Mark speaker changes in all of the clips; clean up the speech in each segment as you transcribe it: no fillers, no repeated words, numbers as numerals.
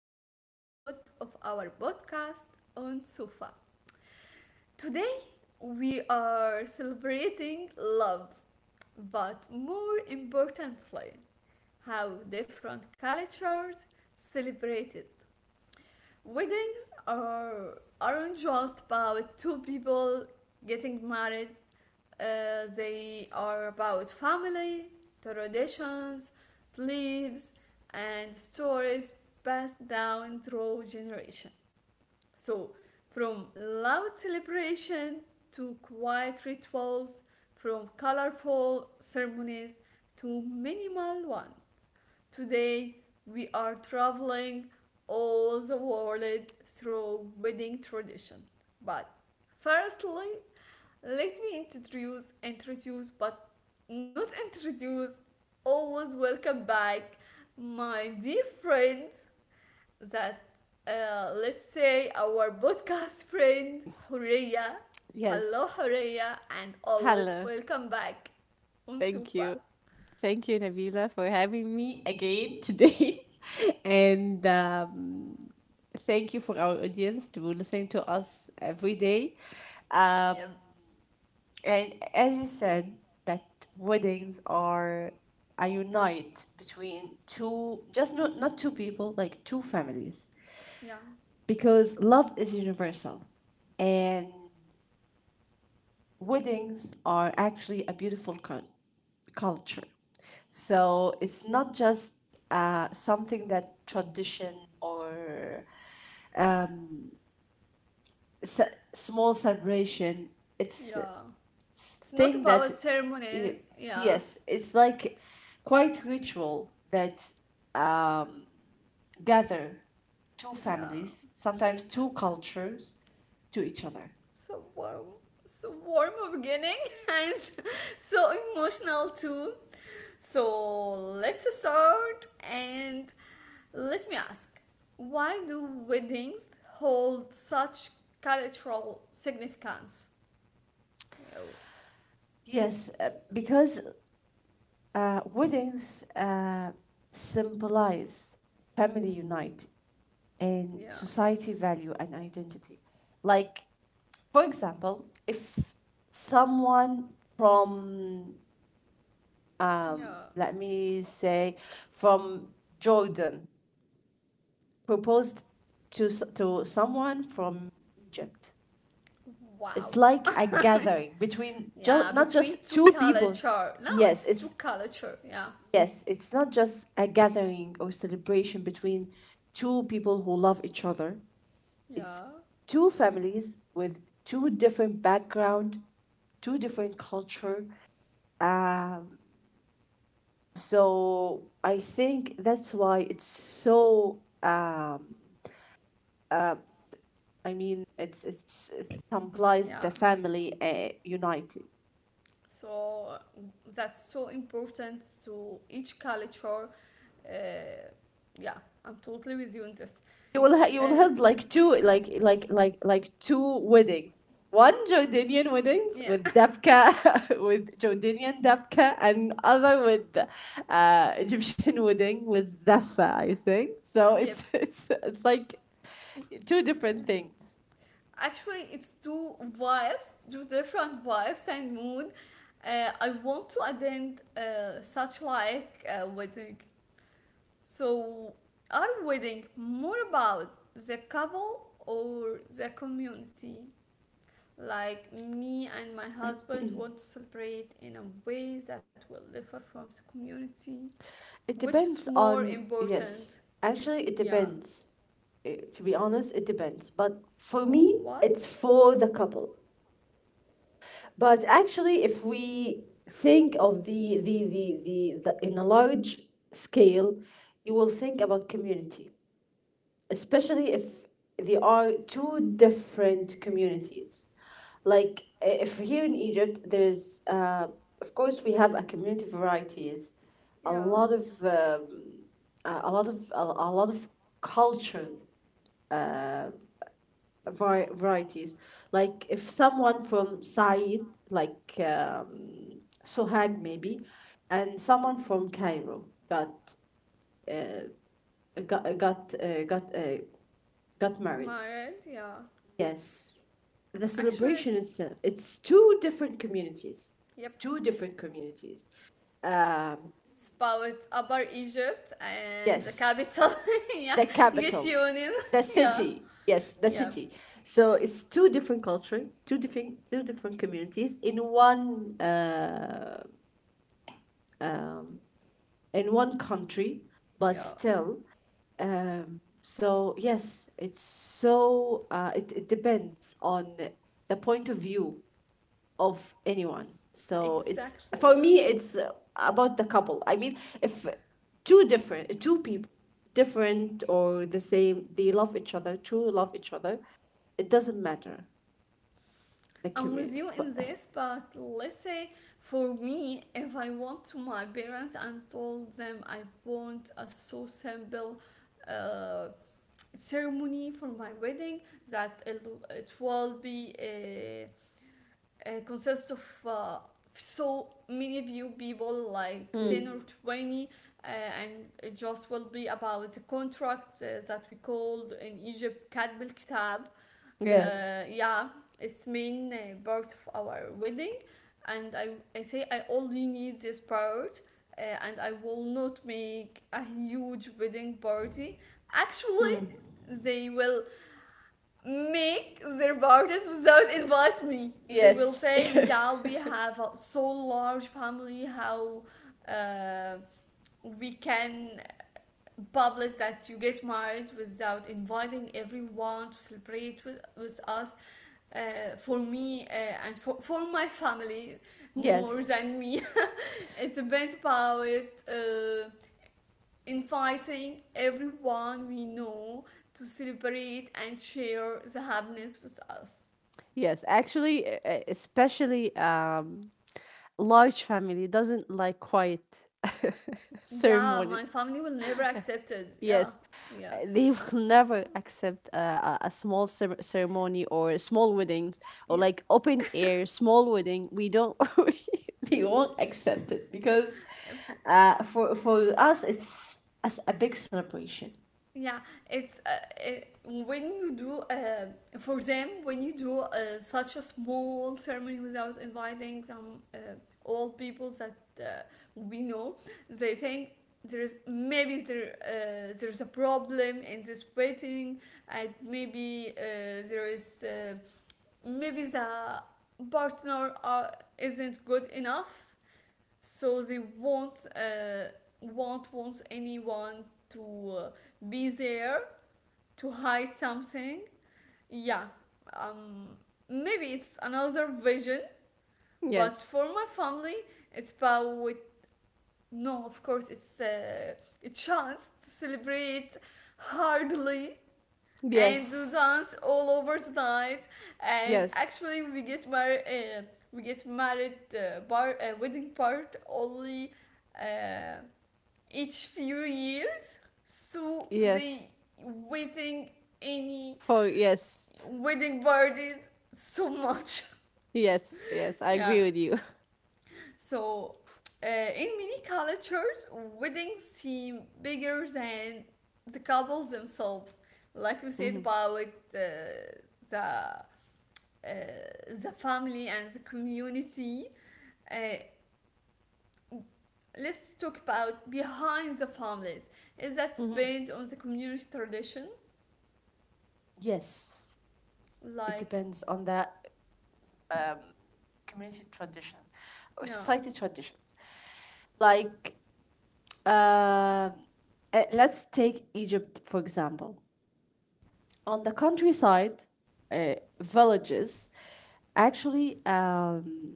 Speaker 1: a new episode of our podcast on Sufa. Today, we are celebrating love, but more importantly, how different cultures celebrate it. Weddings aren't just about two people getting married. They are about family, traditions, beliefs, and stories passed down through generation. So, from loud celebration to quiet rituals, from colorful ceremonies to minimal ones. Today, we are traveling all the world through wedding tradition. But firstly, let me introduce, introduce, but not introduce, always welcome back my dear friend that, let's say, our podcast friend, Horea. Hello,
Speaker 2: Yes.
Speaker 1: Horea, and always
Speaker 2: Hello.
Speaker 1: welcome back on
Speaker 2: Thank
Speaker 1: Sufa.
Speaker 2: you. Thank you, Nabila, for having me again today. and Thank you for our audience to listen to us every day. Um,
Speaker 1: Yep.
Speaker 2: and as you said, that weddings are a unite between two, just not two people, like two families.
Speaker 1: Yeah.
Speaker 2: Because love is universal and weddings are actually a beautiful culture. So it's not just something that tradition or ce- small celebration. It's
Speaker 1: Yeah.
Speaker 2: s-
Speaker 1: It's not
Speaker 2: thing
Speaker 1: about
Speaker 2: that it,
Speaker 1: ceremonies. Yeah.
Speaker 2: yes, it's like quite ritual that gather two
Speaker 1: Yeah.
Speaker 2: families, sometimes two cultures, to each other.
Speaker 1: So warm. So warm a beginning, and so emotional too. So let's start and let me ask, why do weddings hold such cultural significance? Yeah,
Speaker 2: Yes, because weddings symbolize family unite and
Speaker 1: yeah,
Speaker 2: society value and identity. Like, for example, if someone from,
Speaker 1: yeah.
Speaker 2: let me say, from Jordan proposed to, s- to someone from Egypt, it's
Speaker 1: Wow.
Speaker 2: like a gathering between
Speaker 1: Yeah,
Speaker 2: just not
Speaker 1: between
Speaker 2: just
Speaker 1: two
Speaker 2: two people.
Speaker 1: culture. No,
Speaker 2: Yes,
Speaker 1: it's two
Speaker 2: it's
Speaker 1: culture. Yeah,
Speaker 2: yes, it's not just a gathering or celebration between two people who love each other, it's
Speaker 1: yeah,
Speaker 2: two families with two different background, two different culture. um, so I think that's why it's so uh, I mean it's implies
Speaker 1: yeah.
Speaker 2: the family united.
Speaker 1: So that's so important to each culture. Uh, yeah, I'm totally with you on this.
Speaker 2: You will ha- you will
Speaker 1: Uh,
Speaker 2: held like two, like two weddings. One Jordanian weddings
Speaker 1: yeah,
Speaker 2: with Dafka, with Jordanian Dafka, and other with Egyptian wedding with Dafa, I think. So it's.
Speaker 1: yep.
Speaker 2: It's like two
Speaker 1: Uh,
Speaker 2: different things.
Speaker 1: Actually, it's two vibes, two different vibes and mood. I want to attend such like a wedding. So, our wedding more about the couple or the community? Like me and my husband want to celebrate in a way that will differ from the community,
Speaker 2: It
Speaker 1: which is
Speaker 2: depends
Speaker 1: more
Speaker 2: on,
Speaker 1: important.
Speaker 2: yes. Actually it
Speaker 1: Yeah.
Speaker 2: depends. To be honest, it depends. But for
Speaker 1: On
Speaker 2: me,
Speaker 1: what?
Speaker 2: it's for the couple. But actually, if we think of the in a large scale, you will think about community, especially if there are two different communities. If here in Egypt, there's of course we have a community varieties, a
Speaker 1: Yeah.
Speaker 2: lot of a lot of culture varieties. Like if someone from Said, like Sohag maybe, and someone from Cairo got got uh, got uh, got married.
Speaker 1: Married. Yeah.
Speaker 2: Yes, the
Speaker 1: Actually, it's-
Speaker 2: celebration itself. It's two different communities,
Speaker 1: yep.
Speaker 2: two different communities. Um.
Speaker 1: Spout Upper Egypt and the capital.
Speaker 2: Yes,
Speaker 1: Yeah,
Speaker 2: the
Speaker 1: get
Speaker 2: capital,
Speaker 1: union.
Speaker 2: the
Speaker 1: Yeah,
Speaker 2: city. Yes, the
Speaker 1: yeah,
Speaker 2: city. So it's two different culture, two different, two different communities in one. In one country, but
Speaker 1: yeah,
Speaker 2: still. So, yes, it depends on the point of view of anyone. So, it's
Speaker 1: exactly.
Speaker 2: for me, it's about the couple. I mean, if two different, two people, different or the same, they love each other, true love each other, it doesn't matter the
Speaker 1: I'm with
Speaker 2: community.
Speaker 1: you in
Speaker 2: But
Speaker 1: this, but let's say for me, if I went to my parents and told them I want a so simple uh, ceremony for my wedding, that it, it will be a consists of so many few people like 10 or
Speaker 2: Mm.
Speaker 1: 20, uh, and it just will be about the contract that we called in egypt كتب الكتاب.
Speaker 2: Yes.
Speaker 1: Yeah, it's main part of our wedding. And I say I only need this part. And I will not make a huge wedding party. Actually
Speaker 2: Mm.
Speaker 1: they will make their borders without invite me. They will
Speaker 2: Yes.
Speaker 1: say, "Yeah, we have a so large family. How uh, we can publish that you get married without inviting everyone to celebrate with us? For me and for my family, more
Speaker 2: yes.
Speaker 1: than me. It depends about inviting everyone we know." To celebrate and share the happiness with us.
Speaker 2: Yes, actually, especially large family doesn't like quiet
Speaker 1: Yeah,
Speaker 2: ceremonies.
Speaker 1: my family will never accept it. Yeah.
Speaker 2: Yes,
Speaker 1: Yeah.
Speaker 2: they will never accept a small ceremony or small weddings or
Speaker 1: Yeah.
Speaker 2: like open air small wedding. We don't. They won't accept it because for us it's as a big celebration.
Speaker 1: Yeah, it's when you do, for them, when you do such a small ceremony without inviting some old people that we know, they think there's maybe there there's a problem in this wedding, and there is uh, maybe the partner isn't good enough, so they won't want anyone to be there, to hide something. Yeah. Um, maybe it's another vision, but
Speaker 2: Yes.
Speaker 1: for my family, it's about, no, of course it's a chance to celebrate hardly and to
Speaker 2: Yes.
Speaker 1: dance all over the night. And
Speaker 2: Yes.
Speaker 1: actually we get married, bar wedding part only, uh, each few years, so
Speaker 2: Yes.
Speaker 1: they waiting any
Speaker 2: For yes.
Speaker 1: wedding parties so much.
Speaker 2: Yes. Yes. I agree
Speaker 1: Yeah.
Speaker 2: with you.
Speaker 1: So in many cultures, weddings seem bigger than the couples themselves. Like we said
Speaker 2: Hmm.
Speaker 1: about the uh, the family and the community. uh, let's talk about behind the families. Is that
Speaker 2: Hmm.
Speaker 1: based on the community tradition?
Speaker 2: Yes, it
Speaker 1: Like,
Speaker 2: depends on the community tradition or
Speaker 1: yeah.
Speaker 2: society traditions. Like, uh, let's take Egypt for example. On the countryside, uh, villages, actually,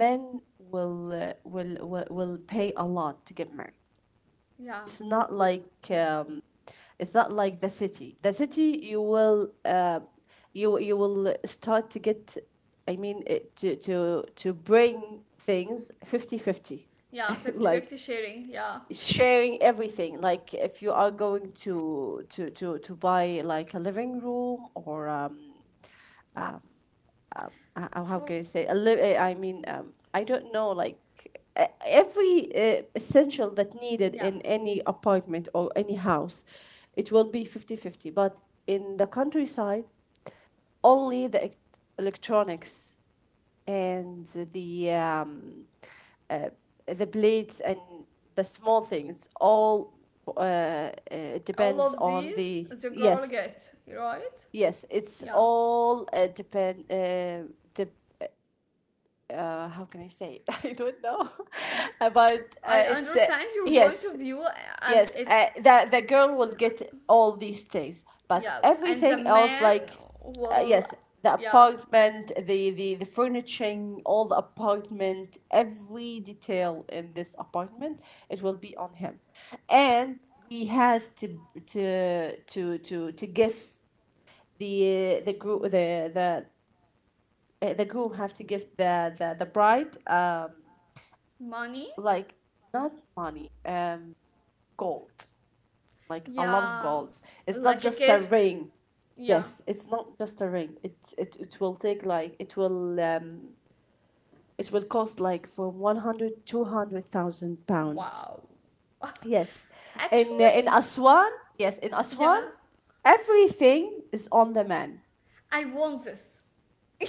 Speaker 2: men will pay a lot to get married.
Speaker 1: yeah
Speaker 2: it's not like um, it's not like the city you will you will start to get, I mean it, to bring things 50 50,
Speaker 1: yeah 50
Speaker 2: like
Speaker 1: 50 sharing, yeah.
Speaker 2: sharing everything, like if you are going to buy like a living room, or how
Speaker 1: For
Speaker 2: can I say a I mean I don't know, like every essential that needed
Speaker 1: yeah,
Speaker 2: in any apartment or any house, it will be 50-50. But in the countryside, only the electronics and the um, uh, the blades and the small things all uh, uh,
Speaker 1: all
Speaker 2: depends
Speaker 1: of
Speaker 2: on
Speaker 1: these
Speaker 2: the,
Speaker 1: the girl
Speaker 2: yes,
Speaker 1: get right.
Speaker 2: yes, it's
Speaker 1: Yeah,
Speaker 2: all depend, de- how can I say? I don't know, but
Speaker 1: I
Speaker 2: it's
Speaker 1: understand your point
Speaker 2: yes,
Speaker 1: of view, as
Speaker 2: yes.
Speaker 1: it's.
Speaker 2: The girl will get all these things, but
Speaker 1: Yeah, and the
Speaker 2: everything else,
Speaker 1: man
Speaker 2: like
Speaker 1: will.
Speaker 2: yes, the
Speaker 1: Yeah,
Speaker 2: apartment, the furnishing, all the apartment, every detail in this apartment, it will be on him, and he has to give the the group the the the groom have to give the bride,
Speaker 1: money.
Speaker 2: like, not money, gold, like a lot of
Speaker 1: Yeah,
Speaker 2: gold. It's not
Speaker 1: like a
Speaker 2: just a
Speaker 1: gift.
Speaker 2: ring.
Speaker 1: Yeah.
Speaker 2: Yes, it's not just a ring. It will take like it will cost like from 100 200,000 pounds.
Speaker 1: Wow.
Speaker 2: Yes.
Speaker 1: Actually.
Speaker 2: In Aswan, yes, in Aswan,
Speaker 1: Yeah,
Speaker 2: everything is on the man.
Speaker 1: I want this.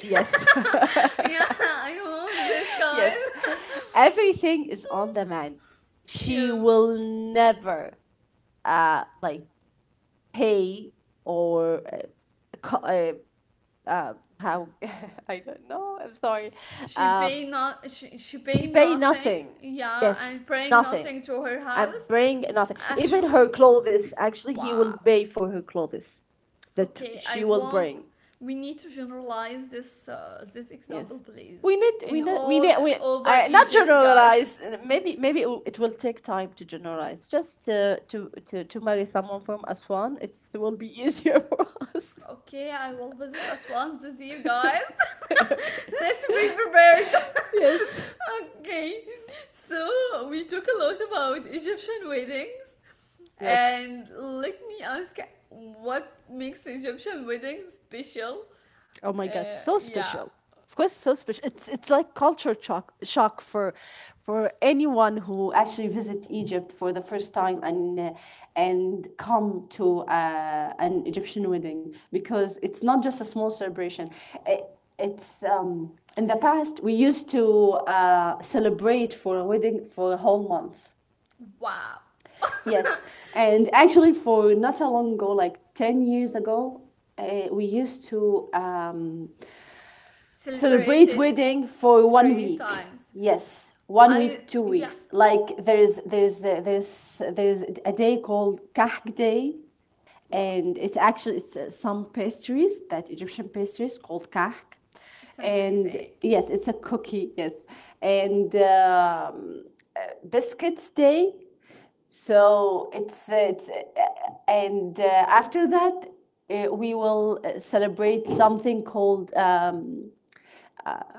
Speaker 2: Yes.
Speaker 1: Yeah, I want this, guys.
Speaker 2: Yes. Everything is on the man. She
Speaker 1: Yeah.
Speaker 2: will never like pay or co- uh, uh, how I don't know. I'm sorry. Um,
Speaker 1: She pay
Speaker 2: she paid
Speaker 1: nothing.
Speaker 2: nothing.
Speaker 1: Yeah,
Speaker 2: Yes,
Speaker 1: and bring
Speaker 2: nothing.
Speaker 1: nothing to her
Speaker 2: And
Speaker 1: house.
Speaker 2: bring nothing. Even her
Speaker 1: Actually,
Speaker 2: clothes. Actually, he will
Speaker 1: wow.
Speaker 2: pay for her clothes that
Speaker 1: Okay, I
Speaker 2: she will
Speaker 1: want.
Speaker 2: bring.
Speaker 1: We need to generalize this this example,
Speaker 2: Yes,
Speaker 1: please,
Speaker 2: we need. We
Speaker 1: in
Speaker 2: need. We
Speaker 1: all
Speaker 2: need. We.
Speaker 1: over
Speaker 2: I not
Speaker 1: Egypt, guys.
Speaker 2: generalize. Maybe maybe it will- take time to generalize. Just to marry someone from Aswan, it will be easier for us.
Speaker 1: Okay, I will visit Aswan this year, guys.
Speaker 2: Okay.
Speaker 1: Let's be prepared.
Speaker 2: Yes.
Speaker 1: Okay, so we talk a lot about Egyptian weddings,
Speaker 2: Yes.
Speaker 1: and let me ask, what makes Egyptian weddings special?
Speaker 2: Oh my god, so
Speaker 1: Yeah.
Speaker 2: special. Of course, so special. It's like culture shock for anyone who actually visit Egypt for the first time and come to an Egyptian wedding, because it's not just a small celebration. It, it's In the past we used to celebrate for a wedding for a whole month.
Speaker 1: Wow.
Speaker 2: Yes, and actually, for not a long ago, like 10 years ago, we used to celebrate
Speaker 1: Celebrated
Speaker 2: wedding for one
Speaker 1: three
Speaker 2: week.
Speaker 1: times.
Speaker 2: Yes, one
Speaker 1: I
Speaker 2: week, two
Speaker 1: yeah.
Speaker 2: weeks. Like there's there's a day called Kahk Day,
Speaker 1: Wow.
Speaker 2: and it's actually it's some pastries that Egyptian pastries called Kahk,
Speaker 1: It's
Speaker 2: and
Speaker 1: amazing.
Speaker 2: yes, it's a cookie. Yes, and biscuits day. So it's and after that, we will celebrate something called,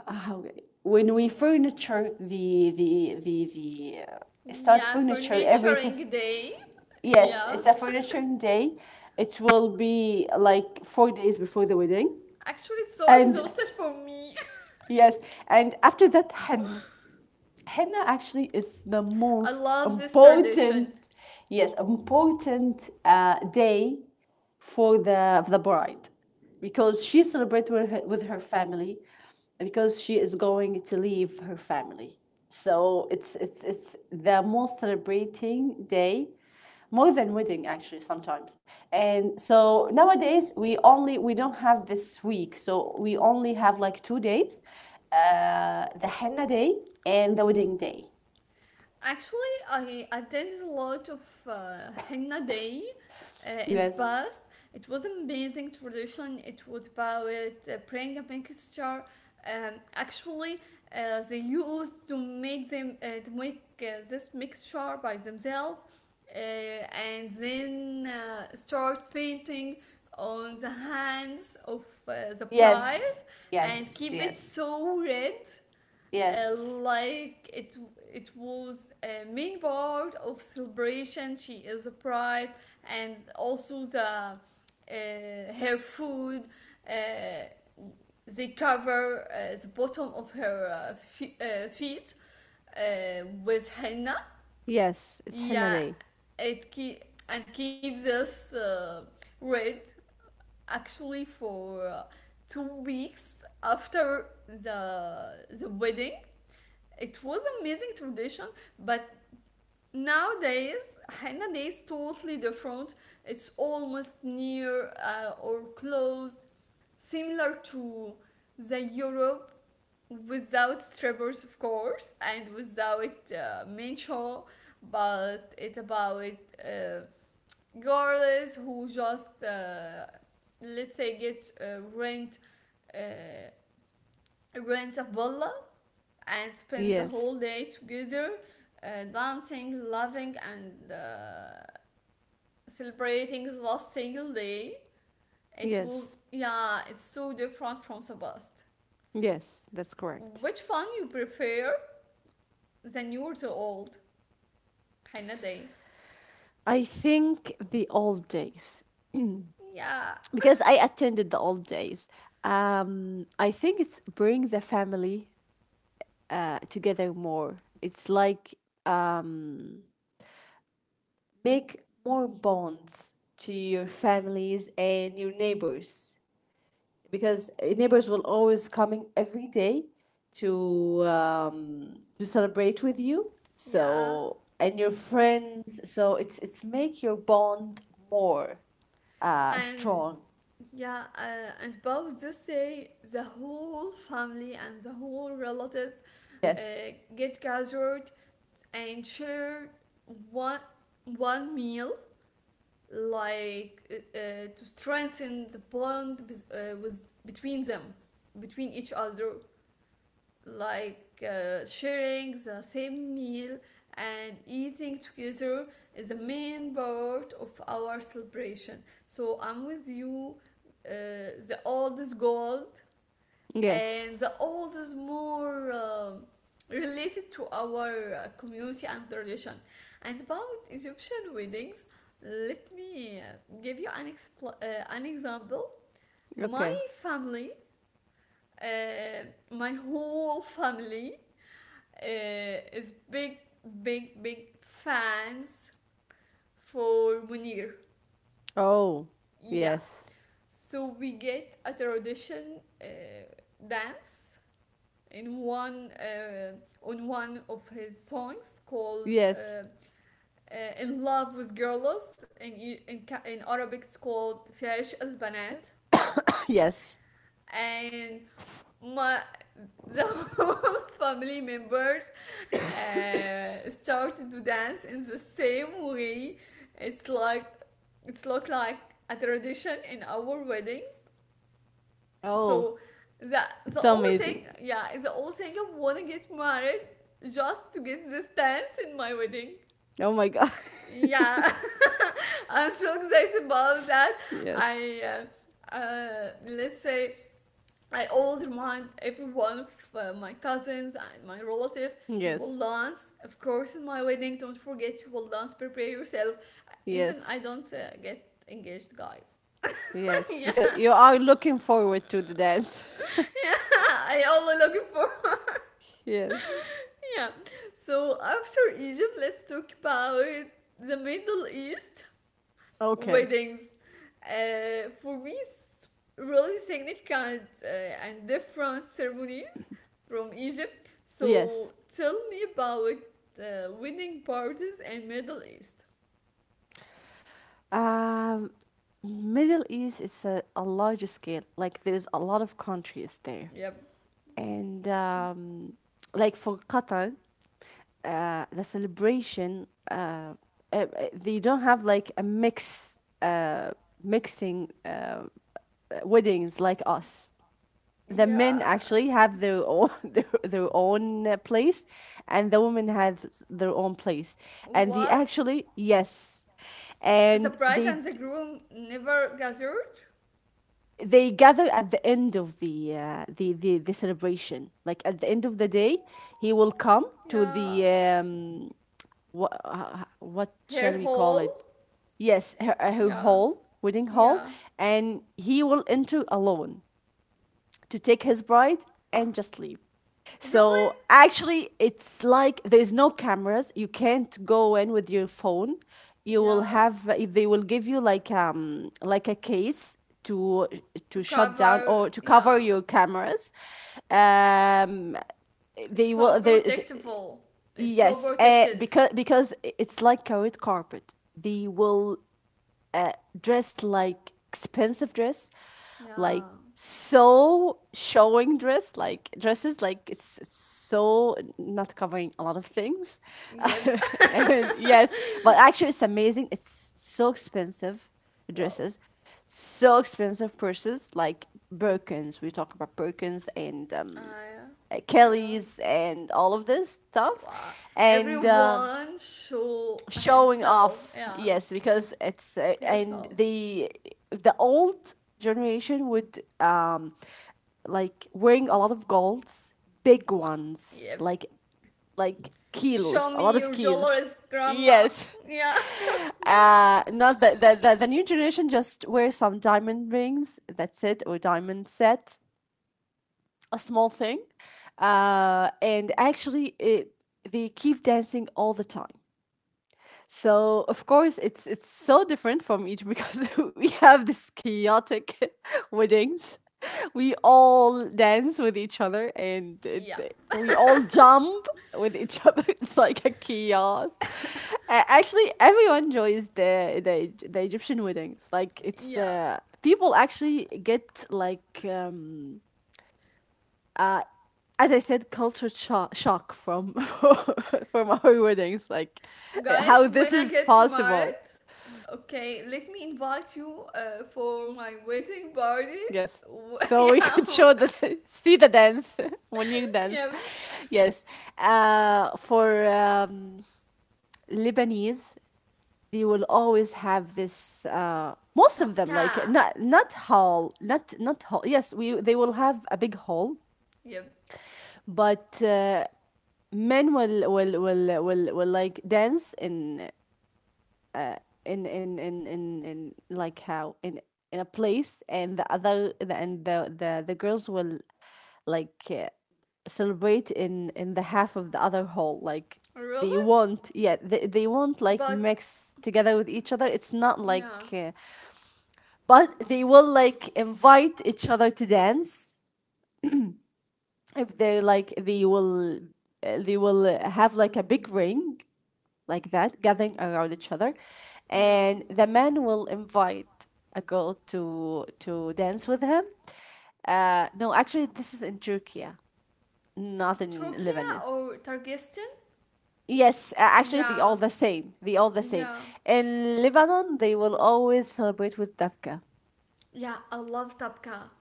Speaker 2: how, when we furniture the start
Speaker 1: Yeah, for
Speaker 2: furniture everything.
Speaker 1: Naturing Day.
Speaker 2: Yes,
Speaker 1: Yeah.
Speaker 2: it's a furnituring day. It will be like 4 days before the wedding,
Speaker 1: Actually, it's so
Speaker 2: and
Speaker 1: exhausted for me.
Speaker 2: yes, and after that, henna. Henna actually is the
Speaker 1: I
Speaker 2: most
Speaker 1: love this tradition.
Speaker 2: important, yes, important day for the bride, because she celebrates with with her family, because she is going to leave her family. So it's the most celebrating day, more than wedding actually sometimes. And so nowadays we only, we don't have this week, so we only have like 2 days, the henna day and the wedding day.
Speaker 1: Actually, I attended a lot of henna day in the
Speaker 2: Yes.
Speaker 1: past. It was an amazing tradition. It was about praying a mixture. Actually, they used to make them to make this mixture by themselves, and then start painting on the hands of the bride,
Speaker 2: Yes.
Speaker 1: and
Speaker 2: Yes,
Speaker 1: keep it
Speaker 2: yes.
Speaker 1: so red, uh,
Speaker 2: Yes.
Speaker 1: like it it was a main part of celebration, she is a bride. And also the her food, uh, the bottom of her feet with henna.
Speaker 2: Yes, it's henna
Speaker 1: Yeah,
Speaker 2: day.
Speaker 1: it keep and keeps us red, actually for 2 weeks after the wedding. It was amazing tradition, but nowadays henna day is totally different. It's almost near, or close, similar to the Europe, without strippers, of course, and without mencho. But it's about girls who just, let's say get rent uh, rent a villa and spend the
Speaker 2: Yes,
Speaker 1: whole day together, dancing, loving, and celebrating the last single day. It was,
Speaker 2: yes,
Speaker 1: yeah, it's so different from the past.
Speaker 2: yes, that's correct.
Speaker 1: Which one you prefer? The new or the old? Hannah Day.
Speaker 2: I think the old days,
Speaker 1: Yeah,
Speaker 2: because I attended the old days. I think it's bring the family together more. It's like um, make more bonds to your families and your neighbors. Because neighbors will always coming every day to celebrate with you.
Speaker 1: yeah.
Speaker 2: So, and your friends. So it's make your bond more
Speaker 1: And
Speaker 2: strong.
Speaker 1: yeah, and about this day, the whole family and the whole relatives uh,
Speaker 2: Yes.
Speaker 1: get gathered and share one one meal, to strengthen the bond with between them, between each other, like sharing the same meal and eating together is a main part of our celebration. So I'm with you, the oldest gold,
Speaker 2: Yes.
Speaker 1: and the old is more related to our community and tradition. And about Egyptian weddings, let me give you an example. My
Speaker 2: Okay.
Speaker 1: family, uh, my whole family, is big fans for Munir.
Speaker 2: Oh,
Speaker 1: Yeah.
Speaker 2: yes.
Speaker 1: So we get a tradition dance in one on one of his songs called
Speaker 2: Yes.
Speaker 1: "In Love with Girls", and in Arabic it's called "في عشق البنات",
Speaker 2: Yes.
Speaker 1: and my the whole family members started to dance in the same way. It's like, it's look like a tradition in our weddings.
Speaker 2: Oh,
Speaker 1: So the
Speaker 2: it's
Speaker 1: the only thing,
Speaker 2: amazing.
Speaker 1: yeah, the only thing I wanna get married just to get this dance in my wedding.
Speaker 2: Oh my God.
Speaker 1: Yeah, I'm so excited about that.
Speaker 2: Yes.
Speaker 1: I let's say I always remind everyone of my cousins and my relative. You will
Speaker 2: Yes.
Speaker 1: dance, of course, in my wedding. Don't forget, you will dance. Prepare yourself. Even I
Speaker 2: Yes.
Speaker 1: don't get engaged, guys.
Speaker 2: Yes.
Speaker 1: Yeah.
Speaker 2: Because you are looking forward to the dance.
Speaker 1: I only looking for
Speaker 2: Yes.
Speaker 1: yeah. So after Egypt, let's talk about the Middle East
Speaker 2: Okay.
Speaker 1: weddings. For me, it's really significant and different ceremonies from Egypt. So
Speaker 2: Yes.
Speaker 1: tell me about wedding parties in Middle East.
Speaker 2: Um, Middle East is a larger scale. Like there's a lot of countries there,
Speaker 1: Yep.
Speaker 2: and like for Qatar, uh, the celebration, uh, uh, they don't have like a mixing weddings like us. The
Speaker 1: Yeah.
Speaker 2: men actually have their own their own place, and the women have their own place, and they
Speaker 1: What?
Speaker 2: actually, yes,
Speaker 1: The
Speaker 2: and
Speaker 1: bride and the groom never gathered.
Speaker 2: they gather at the end of the the celebration, like at the end of the day, he will come to
Speaker 1: Yeah.
Speaker 2: the what shall
Speaker 1: Her
Speaker 2: we call
Speaker 1: hole.
Speaker 2: it, yes, her
Speaker 1: Yeah,
Speaker 2: hall, wedding hall,
Speaker 1: yeah.
Speaker 2: and he will enter alone to take his bride and just leave.
Speaker 1: Really?
Speaker 2: So actually, it's like there's no cameras. You can't go in with your phone. You will
Speaker 1: Yeah.
Speaker 2: have They will give you like a case to
Speaker 1: To
Speaker 2: shut down or
Speaker 1: cover.
Speaker 2: to cover
Speaker 1: Yeah.
Speaker 2: your cameras. Um,
Speaker 1: It's
Speaker 2: they will
Speaker 1: so
Speaker 2: they, th-
Speaker 1: protectable. It's so
Speaker 2: Yes,
Speaker 1: protected.
Speaker 2: because it's like carrot carpet. They will dressed like expensive dress, like
Speaker 1: Yeah.
Speaker 2: so showing dress, like dresses, like it's so not covering a lot of things.
Speaker 1: Yep.
Speaker 2: And yes, but actually, it's amazing. It's so expensive
Speaker 1: Wow.
Speaker 2: dresses, so expensive purses, like Birkins. We talk about Birkins and
Speaker 1: I. Yeah.
Speaker 2: Kelly's and all of this stuff.
Speaker 1: Wow.
Speaker 2: And
Speaker 1: Everyone show
Speaker 2: showing
Speaker 1: himself.
Speaker 2: off,
Speaker 1: Yeah.
Speaker 2: yes, because it's and
Speaker 1: Herself.
Speaker 2: the old generation would like wearing a lot of golds, big
Speaker 1: Wow.
Speaker 2: ones,
Speaker 1: Yep.
Speaker 2: like
Speaker 1: Show
Speaker 2: kilos, a lot
Speaker 1: me
Speaker 2: of
Speaker 1: your
Speaker 2: kilos.
Speaker 1: dollars, grandma.
Speaker 2: Yes,
Speaker 1: Yeah.
Speaker 2: not the, the new generation just wears some diamond rings, that's it, or diamond set, a small thing. And actually they keep dancing all the time. So of course it's so different from each, because we have this chaotic weddings. We all dance with each other, and
Speaker 1: Yeah.
Speaker 2: we all jump with each other. It's like a chaos. Everyone enjoys the Egyptian weddings. Like it's
Speaker 1: Yeah.
Speaker 2: the people actually get like uh as I said, shock from from our weddings. Like how
Speaker 1: Guys,
Speaker 2: this
Speaker 1: when I
Speaker 2: is
Speaker 1: get
Speaker 2: possible.
Speaker 1: married, okay, let me invite you for my wedding party.
Speaker 2: Yes. So we
Speaker 1: Yeah,
Speaker 2: could show the see the dance when you dance.
Speaker 1: yeah,
Speaker 2: Yes. For Lebanese, they will always have this. Most of them,
Speaker 1: tapka,
Speaker 2: like not hall. Yes, we they will have a big hall,
Speaker 1: yep.
Speaker 2: but men will like dance in uh, in like how in a place, and the other the, and the, the girls will like celebrate in the half of the other whole, like they
Speaker 1: Really?
Speaker 2: won't, yeah, they won't like
Speaker 1: But
Speaker 2: mix together with each other. It's not like
Speaker 1: yeah,
Speaker 2: but they will like invite each other to dance. If they're like they will have like a big ring like that, gathering around each other,
Speaker 1: yeah,
Speaker 2: and the man will invite a girl to dance with him. No, actually this is in Turkey, yeah, not in
Speaker 1: Turkey
Speaker 2: Lebanon.
Speaker 1: or Targistan?
Speaker 2: Yes, actually, they all
Speaker 1: Yeah,
Speaker 2: the same. They all the same.
Speaker 1: yeah,
Speaker 2: In Lebanon, they will always celebrate with Davka.
Speaker 1: yeah. I love tapka,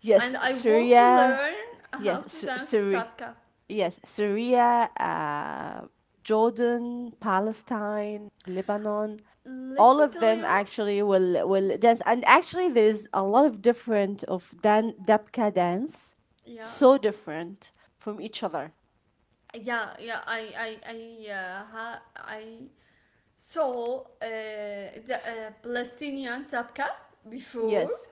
Speaker 2: Yes,
Speaker 1: and I want to
Speaker 2: Syria.
Speaker 1: learn how
Speaker 2: Yes,
Speaker 1: to
Speaker 2: Sy-
Speaker 1: dance
Speaker 2: Syria.
Speaker 1: tapka.
Speaker 2: Yes, Syria. Jordan, Palestine, Lebanon.
Speaker 1: Let
Speaker 2: All
Speaker 1: me
Speaker 2: of
Speaker 1: tell
Speaker 2: them
Speaker 1: you,
Speaker 2: actually will dance, and actually, there's a lot of different of dan Dabka dance,
Speaker 1: yeah,
Speaker 2: so different from each other.
Speaker 1: yeah, yeah. I saw the Palestinian Tabqa before,
Speaker 2: Yes.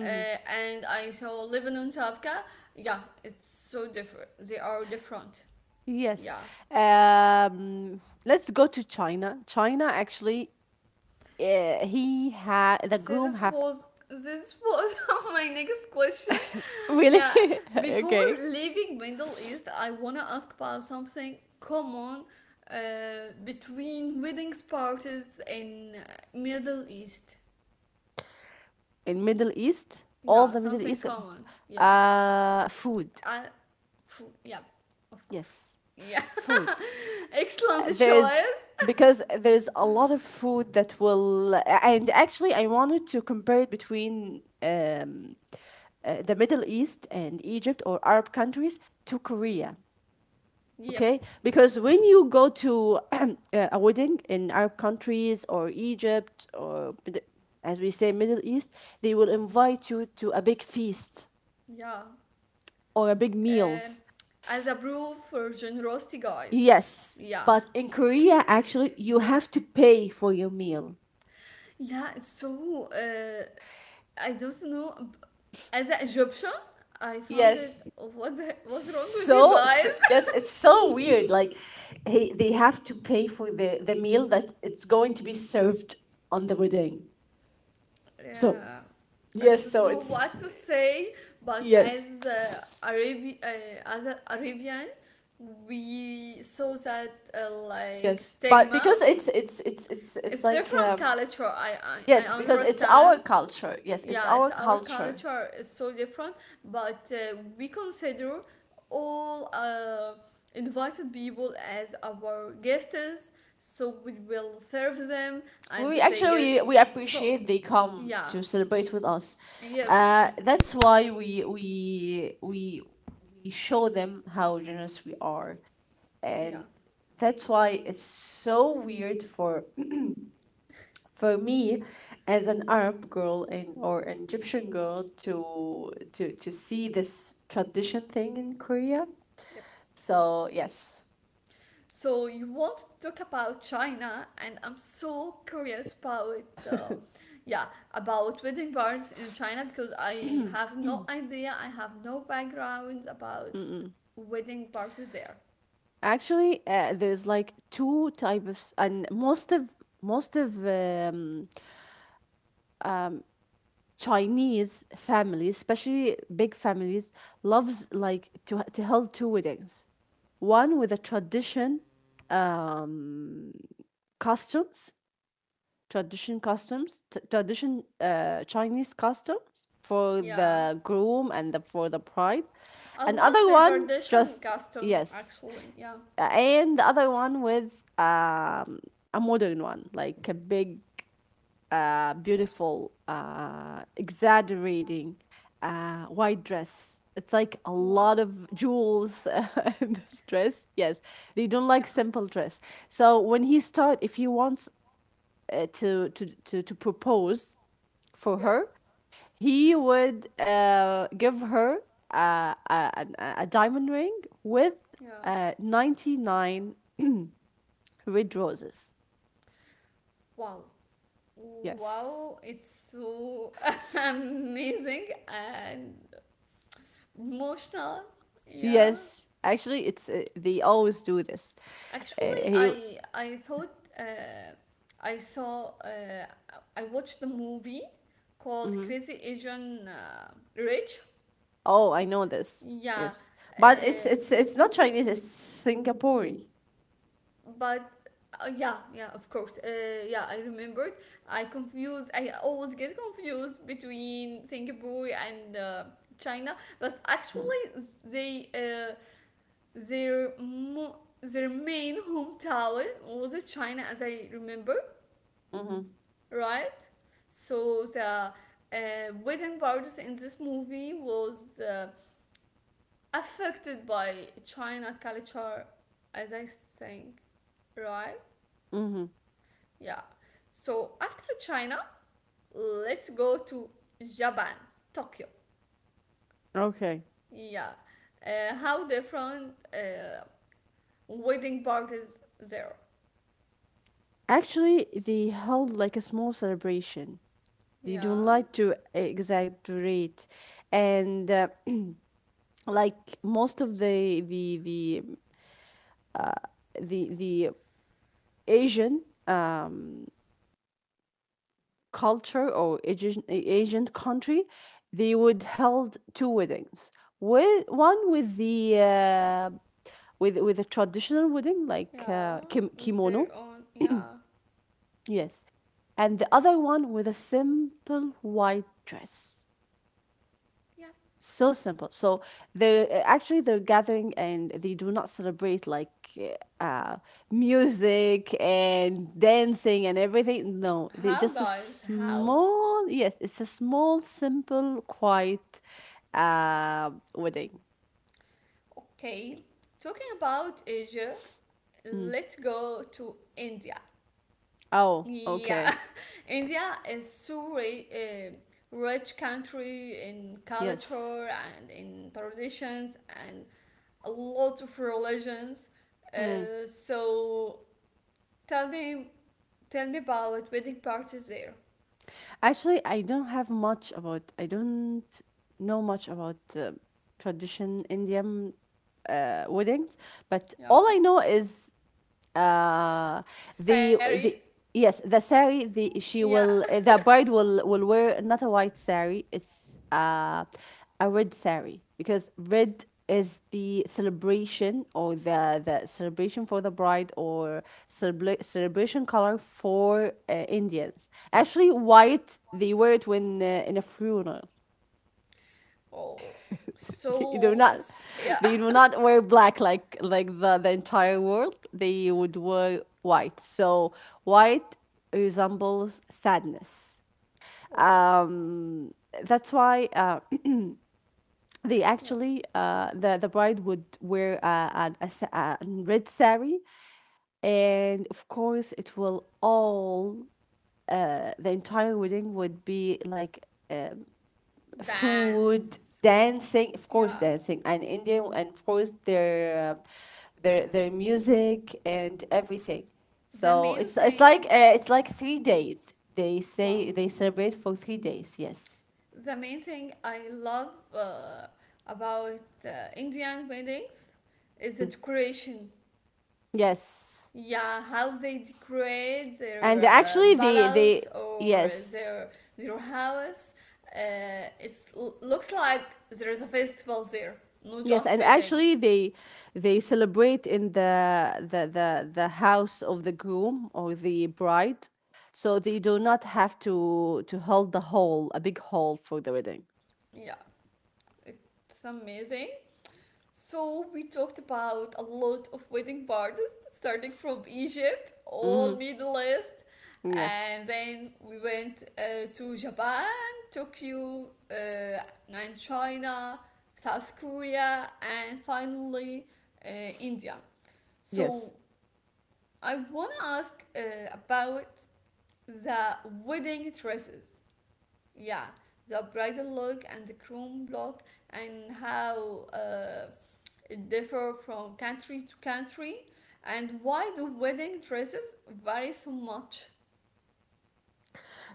Speaker 1: and I saw Lebanon Tabqa. Yeah, it's so different. They are different.
Speaker 2: Yes.
Speaker 1: Yeah.
Speaker 2: Um, let's go to China. China actually, he had the
Speaker 1: So
Speaker 2: groom
Speaker 1: this
Speaker 2: have
Speaker 1: was this was my next question.
Speaker 2: really.
Speaker 1: Yeah. Before
Speaker 2: okay.
Speaker 1: leaving Middle East, I wanna ask about something common between weddings parties in Middle East.
Speaker 2: In Middle East. All
Speaker 1: Yeah,
Speaker 2: the Middle
Speaker 1: something
Speaker 2: East,
Speaker 1: common. Yeah.
Speaker 2: food.
Speaker 1: I, phew, yeah, of course.
Speaker 2: Yes,
Speaker 1: Yeah,
Speaker 2: food.
Speaker 1: excellent
Speaker 2: There's
Speaker 1: choice.
Speaker 2: because there's a lot of food that will, and actually I wanted to compare it between the Middle East and Egypt or Arab countries to Korea. Okay,
Speaker 1: Yep.
Speaker 2: because when you go to a wedding in Arab countries or Egypt or as we say Middle East, they will invite you to a big feast
Speaker 1: Yeah.
Speaker 2: or a big meals.
Speaker 1: Um, as a proof for generosity, guys.
Speaker 2: Yes,
Speaker 1: Yeah.
Speaker 2: but in Korea actually you have to pay for your meal.
Speaker 1: Yeah. So I don't know. As an Egyptian, I found
Speaker 2: Yes.
Speaker 1: it. What the, what's wrong with you
Speaker 2: So,
Speaker 1: guys?
Speaker 2: so yes, it's so weird. Like, they have to pay for the meal that it's going to be served on the wedding. So
Speaker 1: Yeah, I
Speaker 2: yes,
Speaker 1: don't
Speaker 2: so
Speaker 1: know
Speaker 2: it's
Speaker 1: what to say. But
Speaker 2: yes.
Speaker 1: as as a arabian, we saw that like
Speaker 2: Yes, but
Speaker 1: stigma.
Speaker 2: because it's
Speaker 1: It's
Speaker 2: like
Speaker 1: different culture, I
Speaker 2: yes, because it's
Speaker 1: understand.
Speaker 2: our culture. Yes, it's
Speaker 1: Yeah,
Speaker 2: our
Speaker 1: it's our
Speaker 2: culture.
Speaker 1: culture is so different, but we consider all invited people as our guests, so we will serve them and they get
Speaker 2: We
Speaker 1: so.
Speaker 2: appreciate they come
Speaker 1: Yeah.
Speaker 2: to celebrate with us.
Speaker 1: Yeah.
Speaker 2: That's why we show them how generous we are,
Speaker 1: Yeah.
Speaker 2: and that's why it's so weird for me as an Arab girl and or an Egyptian girl to see this tradition thing in Korea.
Speaker 1: Yep.
Speaker 2: So yes.
Speaker 1: So you want to talk about China, and I'm so curious about, yeah, about wedding bars in China because I have no idea. I have no background about wedding parties there.
Speaker 2: Actually, there's like two types, and most of Chinese families, especially big families, loves like to hold two weddings. One with a tradition um, customs, tradition Chinese customs for
Speaker 1: Yeah,
Speaker 2: the groom and for the bride,
Speaker 1: I
Speaker 2: and other
Speaker 1: love their
Speaker 2: one
Speaker 1: tradition
Speaker 2: just
Speaker 1: custom
Speaker 2: yes,
Speaker 1: actually. Yeah.
Speaker 2: and the other one with a modern one, like a big, beautiful, exaggerating white dress. It's like a
Speaker 1: Wow.
Speaker 2: lot of jewels in this dress. Yes, they don't
Speaker 1: Yeah.
Speaker 2: like simple dress. So when he start, if he wants to propose for
Speaker 1: Yep.
Speaker 2: her, he would give her a diamond ring with
Speaker 1: Yeah.
Speaker 2: 99 Red roses.
Speaker 1: Wow.
Speaker 2: Yes.
Speaker 1: Wow. It's so amazing and emotional. Yeah.
Speaker 2: Yes, actually, it's they always do this. Uh,
Speaker 1: Actually,
Speaker 2: he,
Speaker 1: I thought uh, I saw uh, I watched the movie called
Speaker 2: mhm.
Speaker 1: Crazy Asian Rich.
Speaker 2: Oh, I know this.
Speaker 1: Yeah,
Speaker 2: Yes. But it's it's
Speaker 1: uh,
Speaker 2: it's not Chinese, it's Singaporean.
Speaker 1: but yeah, yeah, of course. Yeah, I remembered. I confuse. I always get confused between Singapore and China. But actually, they their main hometown was China, as I remember, right? So the wedding parties in this movie was affected by China culture, as I think, right?
Speaker 2: Mm-hmm.
Speaker 1: Yeah. So after China, let's go to Japan, Tokyo.
Speaker 2: Okay.
Speaker 1: Yeah. How different wedding parties there?
Speaker 2: Actually, they held like a small celebration. They
Speaker 1: Yeah.
Speaker 2: don't like to exaggerate, and like most of the Asian um. culture, or Asian country, they would held two weddings. With one with the with a traditional wedding like
Speaker 1: Yeah. With
Speaker 2: kimono,
Speaker 1: their own. Yeah.
Speaker 2: yes, and the other one with a simple white dress.
Speaker 1: Yeah.
Speaker 2: So simple, so they're actually they're gathering, and they do not celebrate like uh music and dancing and everything. No, they
Speaker 1: How,
Speaker 2: just a
Speaker 1: guys? How?
Speaker 2: small, yes, it's a small, simple, quiet uh wedding.
Speaker 1: Okay. Talking about Asia,
Speaker 2: Mm.
Speaker 1: let's go to India.
Speaker 2: Oh,
Speaker 1: Yeah,
Speaker 2: okay.
Speaker 1: India is so rich country in
Speaker 2: Yes.
Speaker 1: culture and in traditions and a lot of religions.
Speaker 2: Mm.
Speaker 1: So tell me, tell me about wedding parties there.
Speaker 2: Actually, I don't have much about, I don't know much about tradition Indian weddings, but
Speaker 1: Yeah,
Speaker 2: all I know is uh
Speaker 1: Sari.
Speaker 2: the yes, the sari, the she
Speaker 1: Yeah.
Speaker 2: will the bride will wear not a white sari, it's a red sari, because red is the celebration, or the celebration for the bride, or celebration color for Indians. Actually white they wear it when in a funeral.
Speaker 1: Oh,
Speaker 2: they're
Speaker 1: so
Speaker 2: not,
Speaker 1: yeah.
Speaker 2: they will not wear black like the entire world. They would wear white, so white resembles sadness.
Speaker 1: Oh,
Speaker 2: um that's why they
Speaker 1: yeah.
Speaker 2: actually the bride would wear a red sari, and of course it will all the entire wedding would be like food,
Speaker 1: Dance.
Speaker 2: dancing, of course,
Speaker 1: Yeah.
Speaker 2: dancing, and Indian, and of course their their music and everything.
Speaker 1: The
Speaker 2: So
Speaker 1: main thing.
Speaker 2: it's like 3 days. They
Speaker 1: Wow.
Speaker 2: say they celebrate for 3 days. Yes,
Speaker 1: The main thing I love about Indian weddings is the decoration.
Speaker 2: yes,
Speaker 1: Yeah, how they decorate their
Speaker 2: and actually they
Speaker 1: palace or
Speaker 2: yes.
Speaker 1: their their house. It looks like there is a festival there, not
Speaker 2: Yes,
Speaker 1: just
Speaker 2: and
Speaker 1: wedding.
Speaker 2: actually they celebrate in the house of the groom or the bride. So they do not have to hold the hall, a big hall for the wedding.
Speaker 1: Yeah, it's amazing. So we talked about a lot of wedding parties, starting from Egypt, all
Speaker 2: Weddings.
Speaker 1: Middle East,
Speaker 2: Hmm. Yes.
Speaker 1: and then we went to Japan, Tokyo, and China, South Korea, and finally India. So
Speaker 2: Yes.
Speaker 1: I wanna ask about the wedding dresses. Yeah, the bridal look and the groom look, and how. It differ from country to country, and why do wedding dresses vary so much?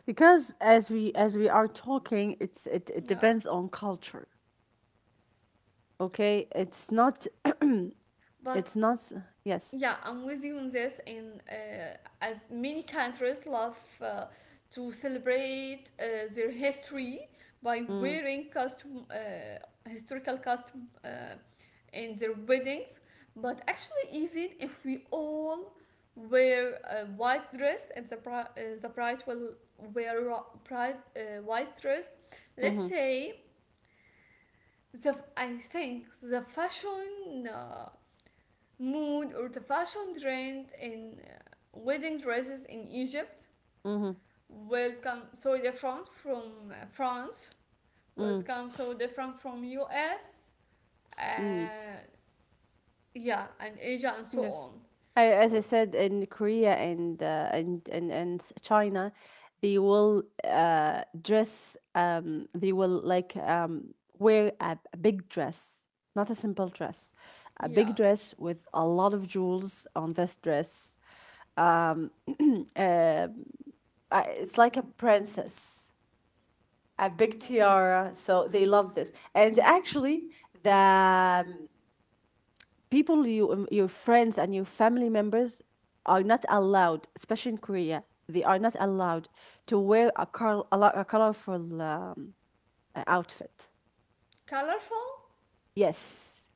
Speaker 2: Because as we are talking, it
Speaker 1: Yeah.
Speaker 2: depends on culture. Okay? It's not
Speaker 1: But
Speaker 2: it's not Yes.
Speaker 1: yeah, I'm with you on this, and as many countries love to celebrate their history by
Speaker 2: Mm-hmm.
Speaker 1: wearing costume, historical costume, in their weddings. But actually, even if we all wear a white dress, if the bride will wear white dress, let's
Speaker 2: Mm-hmm.
Speaker 1: say, the I think the fashion mood or the fashion trend in wedding dresses in Egypt
Speaker 2: Mm-hmm.
Speaker 1: will become so different from France, will
Speaker 2: Mm-hmm.
Speaker 1: become so different from US, uh, yeah, and Asia and so
Speaker 2: Yes,
Speaker 1: on.
Speaker 2: I, as I
Speaker 1: L-
Speaker 2: said, in Korea and China, they will dress. They will like wear a big dress, not a simple dress, a
Speaker 1: Yeah.
Speaker 2: big dress with a lot of jewels on this dress. It's like a princess, a big
Speaker 1: Um,
Speaker 2: tiara. So they love this, and actually the people you your friends and your family members are not allowed, especially in Korea. They are not allowed to wear a colorful outfit.
Speaker 1: Colorful.
Speaker 2: Yes,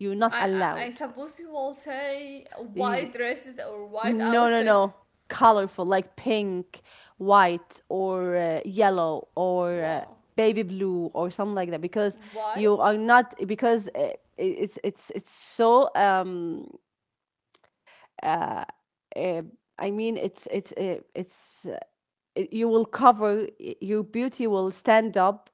Speaker 2: you're not
Speaker 1: I
Speaker 2: allowed.
Speaker 1: suppose you will say
Speaker 2: You-
Speaker 1: white dresses or white
Speaker 2: no, no,
Speaker 1: outfit.
Speaker 2: no, colorful like pink, white, or yellow, or
Speaker 1: Wow,
Speaker 2: baby blue or something like that, because
Speaker 1: why?
Speaker 2: you are not, because it's so uh, I mean it's you will cover your beauty. Will stand up,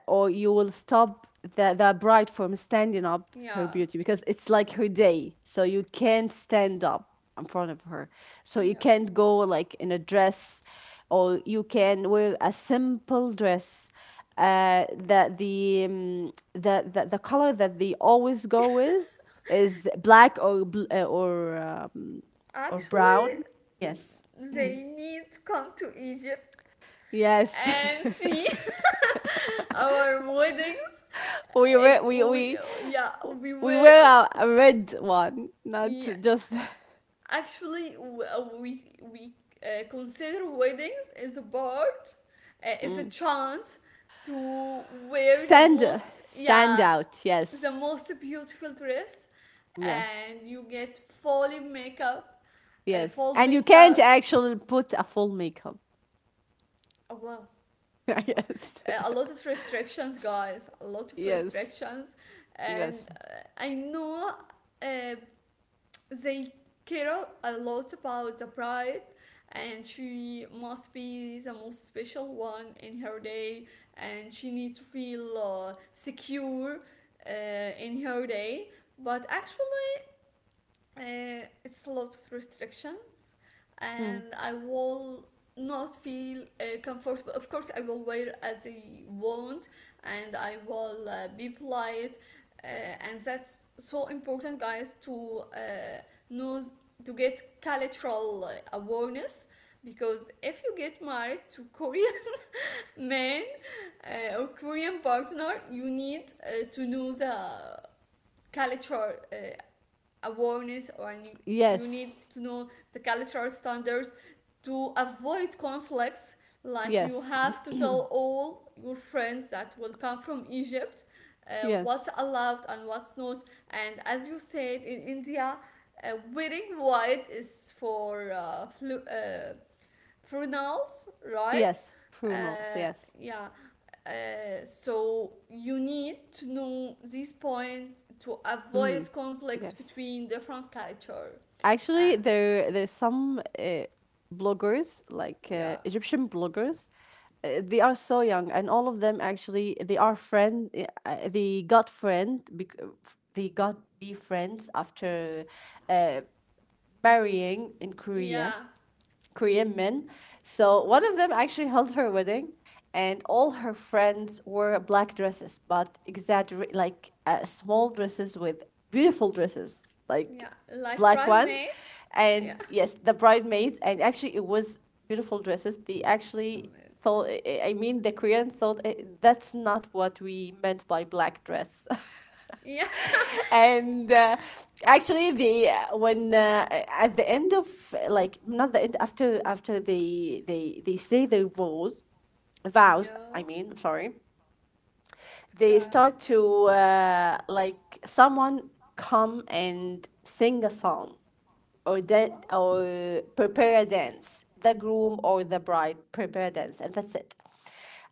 Speaker 2: or you will stop the bride from standing up her
Speaker 1: Yeah,
Speaker 2: beauty, because it's like her day, so you can't stand up in front of her, so you
Speaker 1: yeah.
Speaker 2: can't go like in a dress, or you
Speaker 1: S-
Speaker 2: can wear a simple dress. That the the color that they always go with is black, or or
Speaker 1: Actually,
Speaker 2: brown. Yes,
Speaker 1: they need to come to Egypt and
Speaker 2: yes.
Speaker 1: see our weddings.
Speaker 2: we were
Speaker 1: It
Speaker 2: we
Speaker 1: We,
Speaker 2: we
Speaker 1: yeah, we
Speaker 2: we
Speaker 1: were,
Speaker 2: wear a red one, not
Speaker 1: yeah,
Speaker 2: just
Speaker 1: actually, we consider weddings as a part, as a chance to wear the
Speaker 2: stand
Speaker 1: most, yeah,
Speaker 2: out.
Speaker 1: the
Speaker 2: Yes,
Speaker 1: most beautiful dress.
Speaker 2: yes,
Speaker 1: And you get full makeup,
Speaker 2: yes.
Speaker 1: full
Speaker 2: And you can't
Speaker 1: makeup,
Speaker 2: actually put a full makeup.
Speaker 1: wow. Wa-
Speaker 2: yes,
Speaker 1: a lot of restrictions, guys, a lot of
Speaker 2: yes,
Speaker 1: restrictions. And
Speaker 2: yes.
Speaker 1: I know, uh, they care a lot about the bride, and she must be the most special one in her day, and she needs to feel secure uh, in her day. But actually, it's a lot of restrictions,
Speaker 2: Mm.
Speaker 1: and I will not feel comfortable. Of course, I will wear as I want, and I will be polite, and that's so important, guys, to know, to get cultural awareness. Because if you get married to Korean men, or Korean partner, you need to know the culture, awareness, or you need
Speaker 2: Yes,
Speaker 1: to know the cultural standards to avoid conflicts, like, you
Speaker 2: yes,
Speaker 1: have to tell all your friends that will come from Egypt
Speaker 2: yes,
Speaker 1: what's allowed and what's not. And as you said, in India, wearing white is for pronouns, right?
Speaker 2: yes. Pronouns.
Speaker 1: Uh,
Speaker 2: Yes.
Speaker 1: yeah. So you need to know this point to
Speaker 2: Mm.
Speaker 1: avoid conflicts
Speaker 2: Yes.
Speaker 1: between different culture. And
Speaker 2: Actually, there there's some bloggers like
Speaker 1: yeah,
Speaker 2: Egyptian bloggers. Uh, they are so young, and all of them actually they are friend. They got friend. Bec- They got be friends after uh, marrying in Korea,
Speaker 1: yeah,
Speaker 2: Korean men. So one of them actually held her wedding, and all her friends wore black dresses, but exaggerate like small dresses with beautiful dresses,
Speaker 1: yeah.
Speaker 2: like
Speaker 1: Like
Speaker 2: black ones.
Speaker 1: primates. Yeah.
Speaker 2: And yes, the bridesmaids, and actually it was beautiful dresses. They actually
Speaker 1: Somewhere.
Speaker 2: thought, I mean, the Koreans thought, eh, that's not what we meant by black dress.
Speaker 1: Yeah.
Speaker 2: and actually the when at the end of, like, not the end, after they say their vows. Vows,
Speaker 1: No.
Speaker 2: I mean, I'm sorry.
Speaker 1: It's.
Speaker 2: They start to like, someone come and sing a song, or
Speaker 1: Wow.
Speaker 2: prepare a dance, the groom or the bride prepare a dance, and that's it.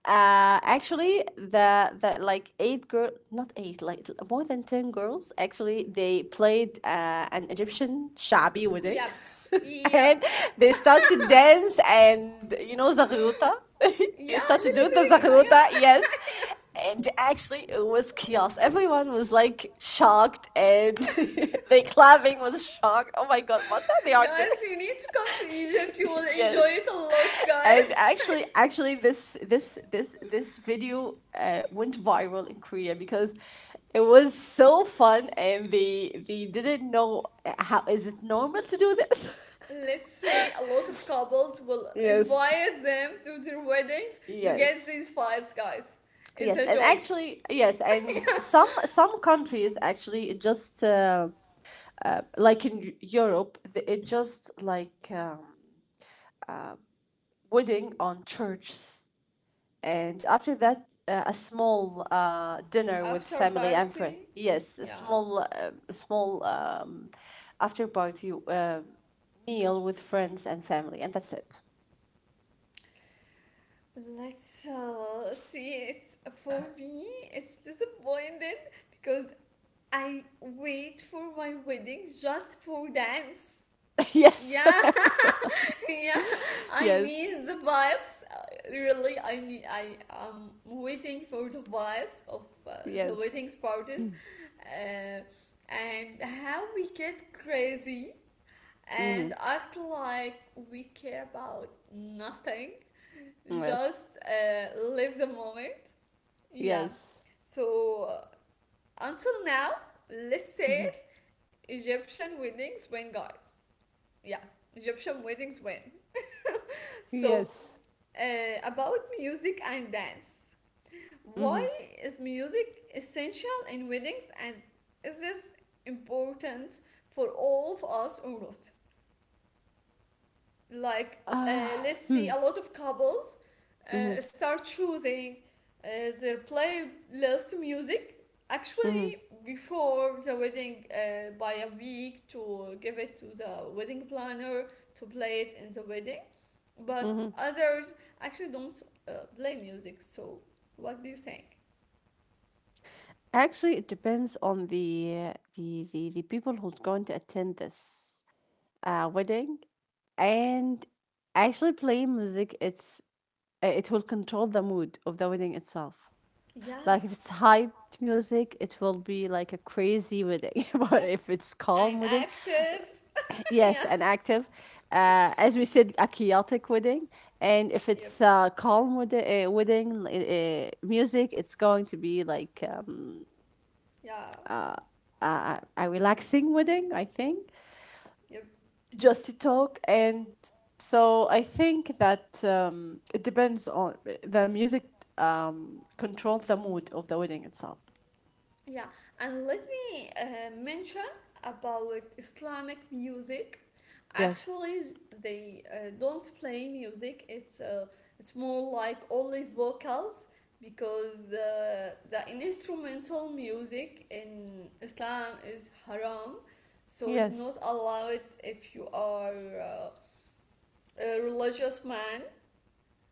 Speaker 2: Uh, actually, the like eight girl, not eight, like more than ten girls. Actually, they played an Egyptian shabi wedding,
Speaker 1: Yep. Yep.
Speaker 2: and they start to dance, and you know zaghuta. they
Speaker 1: Yeah.
Speaker 2: start to do the zaghuta, yes.
Speaker 1: Yeah.
Speaker 2: And actually, it was chaos. Everyone was like shocked, and they clapping was shocked. Oh my god, what are they are
Speaker 1: Guys,
Speaker 2: doing?
Speaker 1: you need to come to Egypt. You will enjoy
Speaker 2: yes.
Speaker 1: it a lot,
Speaker 2: And
Speaker 1: guys.
Speaker 2: actually, this video went viral in Korea, because it was so fun, and they didn't know how is it normal to do this.
Speaker 1: Let's say a lot of couples will
Speaker 2: yes,
Speaker 1: invite them to their weddings to get
Speaker 2: yes,
Speaker 1: these vibes, guys. It's
Speaker 2: yes,
Speaker 1: a
Speaker 2: and
Speaker 1: job.
Speaker 2: actually, yes, and some countries actually it just like in Europe, it just like wedding on churches. And after that, a small dinner with
Speaker 1: After
Speaker 2: family and friends.
Speaker 1: party,
Speaker 2: Yes, a
Speaker 1: yeah.
Speaker 2: small, small after party meal with friends and family, and that's it.
Speaker 1: Let's see. It's, for me, it's disappointed because I wait for my wedding just for dance.
Speaker 2: yes,
Speaker 1: Yeah,
Speaker 2: everyone.
Speaker 1: yeah, I
Speaker 2: Yes,
Speaker 1: need the vibes, really, I am waiting for the vibes of the
Speaker 2: yes.
Speaker 1: wedding parties, uh, and how we get crazy
Speaker 2: Mm-hmm.
Speaker 1: and act like we care about nothing, just
Speaker 2: Yes,
Speaker 1: live the moment, yeah.
Speaker 2: yes.
Speaker 1: So, until now, let's say it,
Speaker 2: Mm-hmm.
Speaker 1: Egyptian weddings win, guys. Yeah, Egyptian weddings win, so
Speaker 2: Yes.
Speaker 1: About music and dance. Why
Speaker 2: Mm-hmm.
Speaker 1: is music essential in weddings, and is this important for all of us or not? Like,
Speaker 2: Uh,
Speaker 1: let's see,
Speaker 2: hmm.
Speaker 1: a lot of couples
Speaker 2: Mm-hmm.
Speaker 1: start choosing uh, their playlist music,
Speaker 2: Mm-hmm.
Speaker 1: actually, before the wedding by a week, to give it to the wedding planner to play it in the wedding, but
Speaker 2: Mm-hmm.
Speaker 1: others actually don't play music. So what do you think?
Speaker 2: Actually, it depends on the people who's going to attend this wedding. And actually playing music, it's it will control the mood of the wedding itself.
Speaker 1: Yeah,
Speaker 2: Like if it's hyped music it will be like a crazy wedding, but
Speaker 1: yep.
Speaker 2: if it's
Speaker 1: And
Speaker 2: calm wedding,
Speaker 1: active, yeah,
Speaker 2: yes and active, as we said, a chaotic wedding. And if
Speaker 1: yep,
Speaker 2: it's calm wedding music, it's going to be like
Speaker 1: yeah,
Speaker 2: a a relaxing wedding, I think,
Speaker 1: yep.
Speaker 2: just to talk. And so I think that it depends on the music. Um, controls the mood of the wedding itself.
Speaker 1: Yeah, and let me mention about Islamic music.
Speaker 2: Yes,
Speaker 1: Actually, they don't play music. It's more like only vocals, because the instrumental music in Islam is haram, so it's
Speaker 2: yes.
Speaker 1: not allowed if you are uh, a religious man,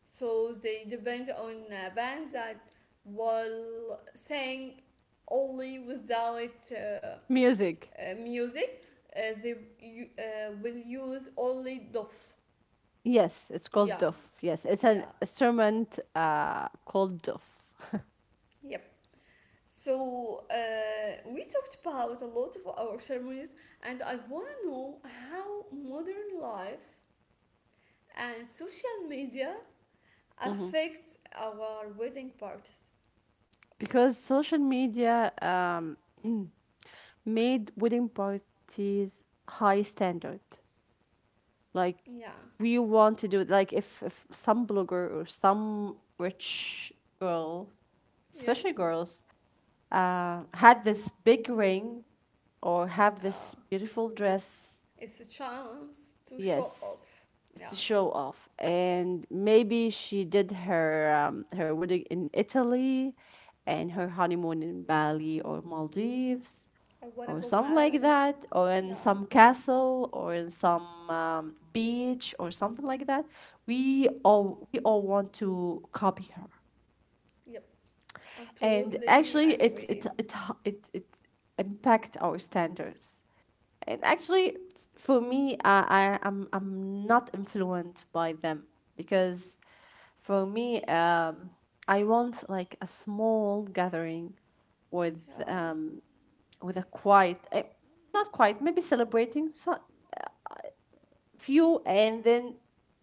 Speaker 1: so they depend on bands that will sing only without
Speaker 2: Music.
Speaker 1: music. They will use only dof.
Speaker 2: Yes, it's called
Speaker 1: Yeah,
Speaker 2: duf. Yes, it's an
Speaker 1: yeah,
Speaker 2: instrument called duf.
Speaker 1: yep. So we talked about a lot of our ceremonies, and I want to know how modern life and social media
Speaker 2: Mm-hmm.
Speaker 1: affect our wedding parties.
Speaker 2: Because social media, made wedding parties high standard. Like,
Speaker 1: Yeah,
Speaker 2: we want to do it. Like if some blogger or some rich girl, especially
Speaker 1: yep,
Speaker 2: girls, had this big ring or have this
Speaker 1: um,
Speaker 2: beautiful dress,
Speaker 1: it's a chance to show
Speaker 2: yes,
Speaker 1: off.
Speaker 2: it's a
Speaker 1: Yeah.
Speaker 2: show off. And maybe she did her her wedding in Italy and her honeymoon in Bali or Maldives,
Speaker 1: I wanna
Speaker 2: or
Speaker 1: go
Speaker 2: something like
Speaker 1: Mali.
Speaker 2: that, or in
Speaker 1: Yeah.
Speaker 2: some castle, or in some beach, or something like that. We all want to copy her.
Speaker 1: Yep. I'm
Speaker 2: And actually,
Speaker 1: totally
Speaker 2: it it
Speaker 1: agree.
Speaker 2: it it it impact our standards. And actually, for me, I'm not influenced by them because, for me, I want like a small gathering with
Speaker 1: Yeah.
Speaker 2: um with a quiet, not quiet, maybe celebrating some few, and then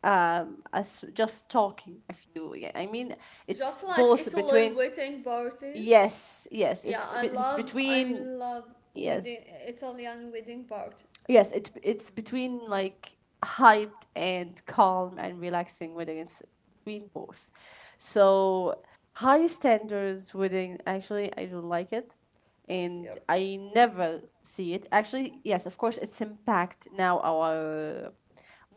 Speaker 2: us just talking a few. Yeah, I mean, it's
Speaker 1: Just
Speaker 2: both
Speaker 1: like
Speaker 2: between.
Speaker 1: Italy wedding parties.
Speaker 2: Yes, yes, it's
Speaker 1: Yeah, I
Speaker 2: it's
Speaker 1: love I
Speaker 2: between,
Speaker 1: love
Speaker 2: yes.
Speaker 1: wedding Italian wedding parties.
Speaker 2: Yes, it it's between like hyped and calm and relaxing wedding. It's between both. So high standards wedding, actually I don't like it and
Speaker 1: Yep.
Speaker 2: I never see it. Actually, yes, of course it's impact now our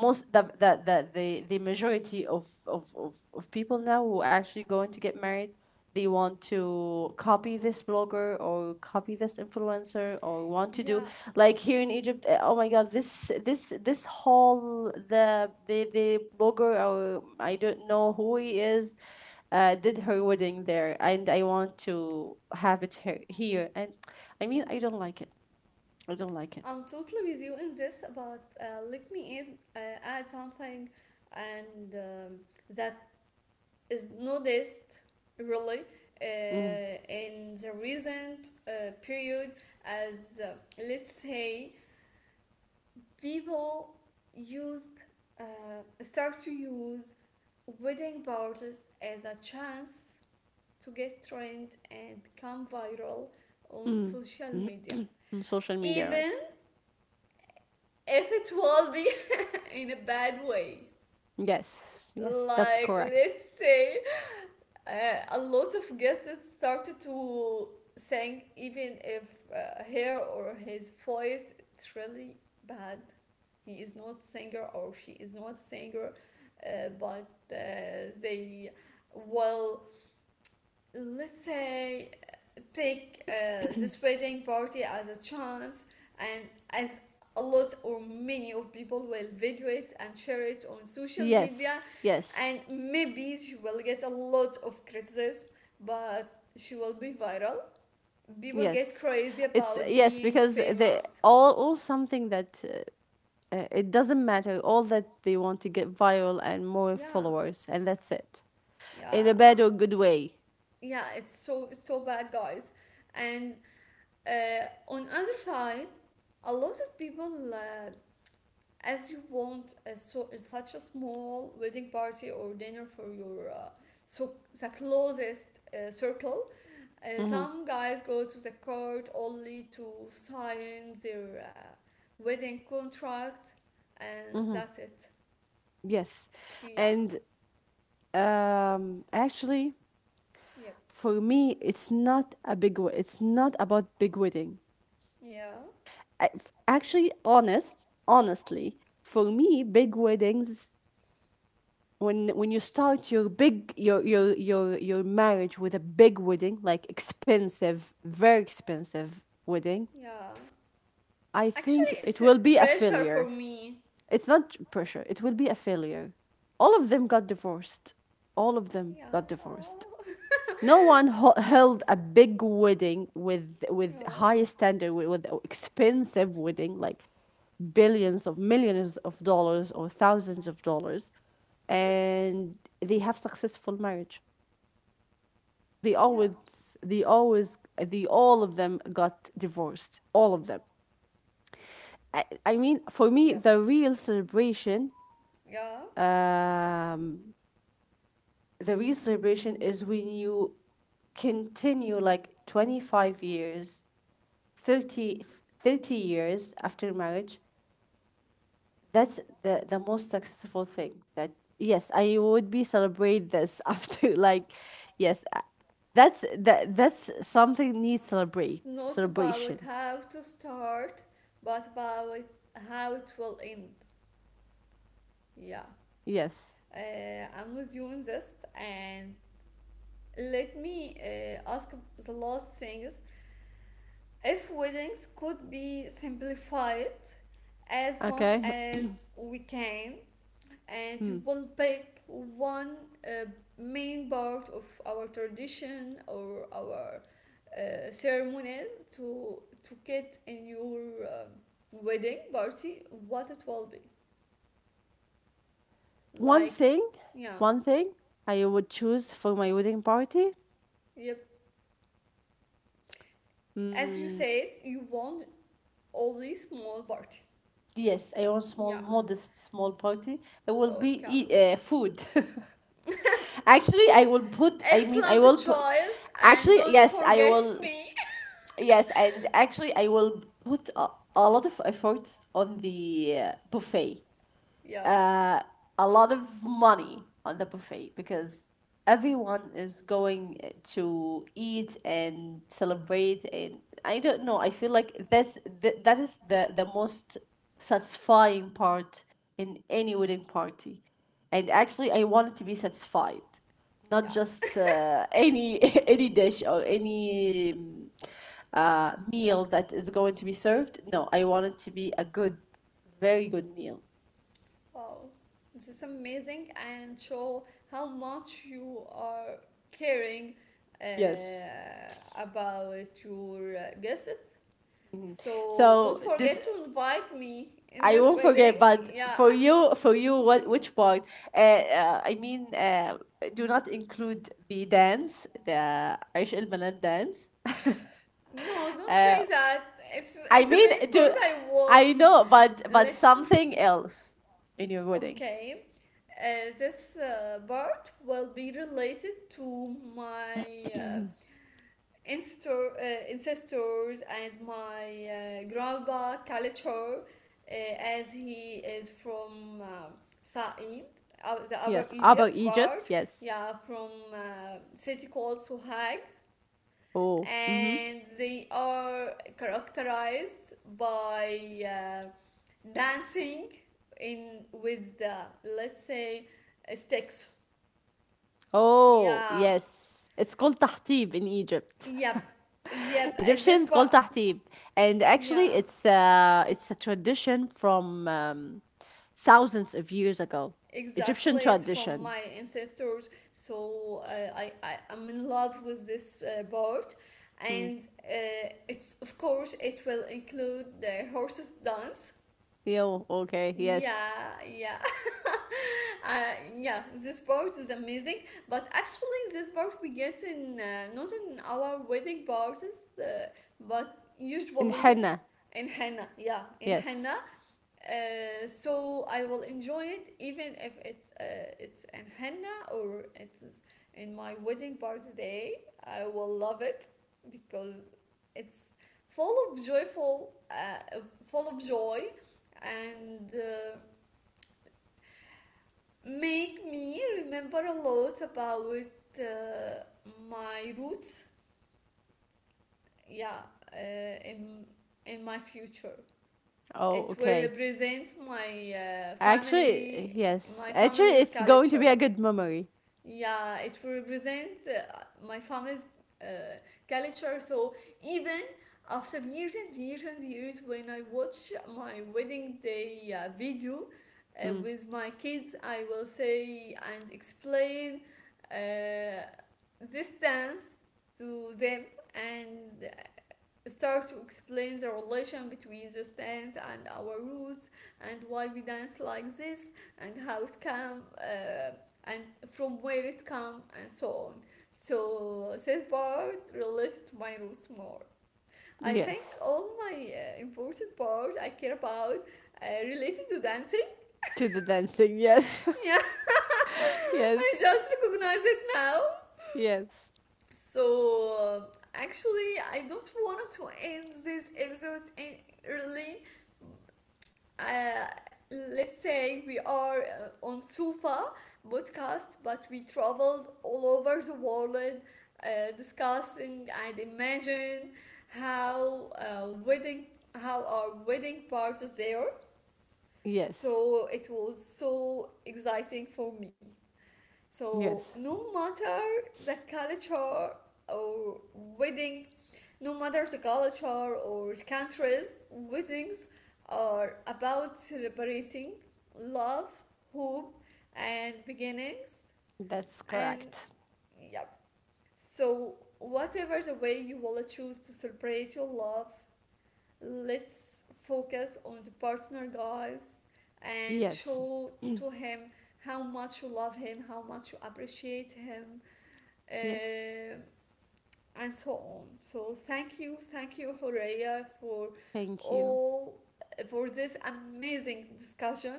Speaker 2: most the majority of people now who are actually going to get married. They want to copy this blogger or copy this influencer, or want to do
Speaker 1: Yeah,
Speaker 2: like here in Egypt. Oh my god, this whole the blogger, or I don't know who he is, did her wedding there and I want to have it here, here. And I mean, I don't like it, I don't like
Speaker 1: I'm
Speaker 2: it.
Speaker 1: totally with you in this, but let me add something, and that is noticed, really,
Speaker 2: Mm.
Speaker 1: in the recent period, as, uh, let's say, people used uh, start to use wedding parties as a chance to get trend and become viral on
Speaker 2: Mm.
Speaker 1: social media,
Speaker 2: On social media,
Speaker 1: even
Speaker 2: yes.
Speaker 1: if it will be in a bad way,
Speaker 2: Yes, yes, that's
Speaker 1: like,
Speaker 2: correct.
Speaker 1: let's say, uh, a lot of guests started to sing, even if her or his voice it's really bad, he is not singer or she is not singer, but they will, let's say, take this wedding party as a chance, and as a lot or many of people will video it and share it on social media,
Speaker 2: Yes,
Speaker 1: and
Speaker 2: yes,
Speaker 1: maybe she will get a lot of criticism, but she will be viral. People get
Speaker 2: yes.
Speaker 1: crazy
Speaker 2: It's
Speaker 1: about
Speaker 2: yes,
Speaker 1: being
Speaker 2: because they
Speaker 1: famous.
Speaker 2: all something that it doesn't matter. All that they want to get viral and more
Speaker 1: Yeah,
Speaker 2: followers, and that's it, in a
Speaker 1: yeah,
Speaker 2: bad or good way.
Speaker 1: yeah, it's so bad, guys. And on other side, a lot of people, as you want a such a small wedding party or dinner for your so the closest circle. Some guys go to the court only to sign their wedding contract, and that's it.
Speaker 2: Yes,
Speaker 1: Yeah,
Speaker 2: and actually,
Speaker 1: yep,
Speaker 2: for me, it's not a big. It's not about big wedding.
Speaker 1: yeah,
Speaker 2: Actually, honest, honestly, for me, big weddings, when you start your big your marriage with a big wedding, like expensive, very expensive wedding,
Speaker 1: yeah.
Speaker 2: I think
Speaker 1: Actually,
Speaker 2: it
Speaker 1: it's
Speaker 2: will
Speaker 1: a
Speaker 2: be a
Speaker 1: pressure for
Speaker 2: failure.
Speaker 1: me.
Speaker 2: It's not pressure, it will be a failure. All of them got divorced, all of them
Speaker 1: Yeah,
Speaker 2: got divorced. No one held a big wedding with
Speaker 1: yeah,
Speaker 2: high standard, with expensive wedding, like billions of millions of dollars or thousands of dollars,
Speaker 1: yep,
Speaker 2: and they have successful marriage. They
Speaker 1: yeah,
Speaker 2: always, they always, the all of them got divorced, all of them. I mean, for me,
Speaker 1: yep,
Speaker 2: the real
Speaker 1: yeah,
Speaker 2: celebration,
Speaker 1: yeah.
Speaker 2: um the real celebration is when you continue like 25 years, 30, 30 after marriage. That's the most successful thing that, yes, I would be celebrate this after like, yes, that's that's something needs
Speaker 1: It's
Speaker 2: celebrate
Speaker 1: not about
Speaker 2: celebration.
Speaker 1: how to start, but about how it will end. Yeah,
Speaker 2: Yes.
Speaker 1: I'm with you on this. And let me ask the last things. If weddings could be simplified as much
Speaker 2: Okay.
Speaker 1: as we can, and we'll pick one uh, main part of our tradition or our ceremonies to get in your wedding party, what it will be?
Speaker 2: One
Speaker 1: Like,
Speaker 2: thing,
Speaker 1: yeah,
Speaker 2: one thing I would choose for my wedding party.
Speaker 1: yep. As you said, you want only small party.
Speaker 2: Yes, I want small,
Speaker 1: Yeah,
Speaker 2: modest, small party. It will be
Speaker 1: okay.
Speaker 2: food. Actually, I will put. I mean, I
Speaker 1: Excellent
Speaker 2: will put.
Speaker 1: choice, and
Speaker 2: Actually,
Speaker 1: don't
Speaker 2: yes, I
Speaker 1: forget
Speaker 2: will.
Speaker 1: me.
Speaker 2: Yes, and actually, I will put a lot of effort on the buffet,
Speaker 1: Yeah,
Speaker 2: uh, a lot of money on the buffet, because everyone is going to eat and celebrate. And I don't know, I feel like that's that is the most satisfying part in any wedding party. And actually, I want it to be satisfied, not
Speaker 1: yeah.
Speaker 2: just any any dish or any um, meal that is going to be served. No, I want it to be a good, very good meal.
Speaker 1: Wow, this is amazing, and show how much you are caring
Speaker 2: Yes.
Speaker 1: uh, about your guests. So don't
Speaker 2: So this
Speaker 1: forget to invite me in
Speaker 2: I
Speaker 1: this
Speaker 2: won't
Speaker 1: wedding.
Speaker 2: forget. But
Speaker 1: Yeah.
Speaker 2: for you, what which part? I mean, do not include the dance, the عيش البنات dance.
Speaker 1: No, don't
Speaker 2: uh,
Speaker 1: say that. It's
Speaker 2: I
Speaker 1: it's the
Speaker 2: mean,
Speaker 1: main
Speaker 2: do
Speaker 1: part I
Speaker 2: I
Speaker 1: want.
Speaker 2: know? But
Speaker 1: Listen,
Speaker 2: something else in your wedding.
Speaker 1: okay. This part will be related to my ancestor, uh, ancestors and my grandpa culture, as he is from Sa'id, the
Speaker 2: Yes.
Speaker 1: Upper
Speaker 2: About
Speaker 1: Egypt
Speaker 2: Egypt.
Speaker 1: part,
Speaker 2: Yes.
Speaker 1: yeah, from city called Sohag.
Speaker 2: Oh. Mm-hmm.
Speaker 1: And they are characterized by dancing in with the, let's say, sticks.
Speaker 2: Oh
Speaker 1: Yeah,
Speaker 2: yes, it's called tahtiv in Egypt.
Speaker 1: yeah, yeah. Is this
Speaker 2: Egyptians call
Speaker 1: part?
Speaker 2: tahtim, and actually,
Speaker 1: Yeah.
Speaker 2: it's a tradition from thousands of years ago. Egyptian
Speaker 1: Exactly, it's from
Speaker 2: tradition.
Speaker 1: my ancestors, so I'm in love with this part,
Speaker 2: Hmm.
Speaker 1: and it's of course it will include the horses dance.
Speaker 2: Yo, okay, yes.
Speaker 1: Yeah, yeah, yeah. This part is amazing, but actually this part we get in, not in our wedding parties, but
Speaker 2: In
Speaker 1: usually
Speaker 2: henna,
Speaker 1: in henna. Yeah, in henna,
Speaker 2: yes.
Speaker 1: so I will enjoy it even if it's in henna or it's in my wedding party day. I will love it because it's full of joyful, full of joy, and make me remember a lot about uh, my roots. Yeah, uh, in my future.
Speaker 2: Oh,
Speaker 1: It will
Speaker 2: okay.
Speaker 1: represent my
Speaker 2: Actually,
Speaker 1: family,
Speaker 2: yes.
Speaker 1: my
Speaker 2: Actually,
Speaker 1: family's
Speaker 2: it's going to be a
Speaker 1: culture.
Speaker 2: good memory.
Speaker 1: Yeah, it will represent my family's uh, culture. So even after years and years and years, when I watch my wedding day video
Speaker 2: Hmm.
Speaker 1: with my kids, I will say and explain uh, this dance to them and start to explain the relation between the stance and our roots, and why we dance like this, and how it come, and from where it come, and so on. So this part related to my roots more. I think
Speaker 2: Yes.
Speaker 1: all my important part I care about related to dancing,
Speaker 2: To the dancing, yes,
Speaker 1: yeah. I
Speaker 2: yes,
Speaker 1: just recognize it now.
Speaker 2: yes,
Speaker 1: So actually, I don't want to end this episode in, really, uh, let's say we are on sofa podcast, but we traveled all over the world, discussing and imagine how wedding how our wedding parties there.
Speaker 2: yes,
Speaker 1: So it was so exciting for me. So
Speaker 2: yes.
Speaker 1: no matter the culture or wedding, no matter the culture or the countries, weddings are about celebrating love, hope, and beginnings.
Speaker 2: That's
Speaker 1: And
Speaker 2: correct.
Speaker 1: yeah, so whatever the way you will choose to celebrate your love, let's focus on the partner, guys, and
Speaker 2: Yes,
Speaker 1: show to him how much you love him, how much you appreciate him,
Speaker 2: yes.
Speaker 1: uh, and so on. So thank you, Horeya, for
Speaker 2: Thank you.
Speaker 1: all, for this amazing discussion,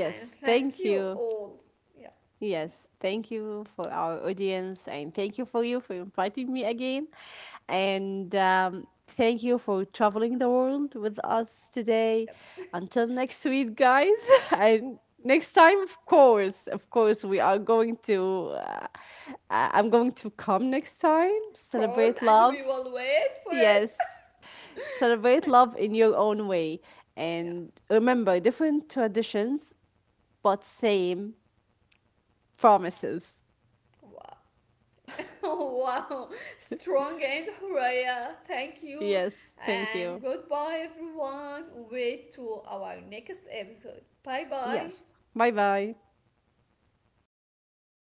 Speaker 1: and thank
Speaker 2: thank
Speaker 1: you
Speaker 2: you.
Speaker 1: all. Yeah,
Speaker 2: Yes, thank you for our audience, and thank you for you for inviting me again. And thank you for traveling the world with us today.
Speaker 1: yeah,
Speaker 2: Until next week, guys. And next time, of course, we are going to, I'm going to come next time,
Speaker 1: of course,
Speaker 2: celebrate
Speaker 1: and we
Speaker 2: love.
Speaker 1: will wait for it.
Speaker 2: Yes, celebrate love in your own way.
Speaker 1: Yeah,
Speaker 2: And remember, different traditions, but same promises.
Speaker 1: wow. Wow, strong end, Horeya. Thank you,
Speaker 2: Yes. Thank
Speaker 1: and
Speaker 2: you.
Speaker 1: goodbye, everyone. Wait to our next episode. Bye bye.
Speaker 2: Yes. Bye bye.
Speaker 1: Ayo.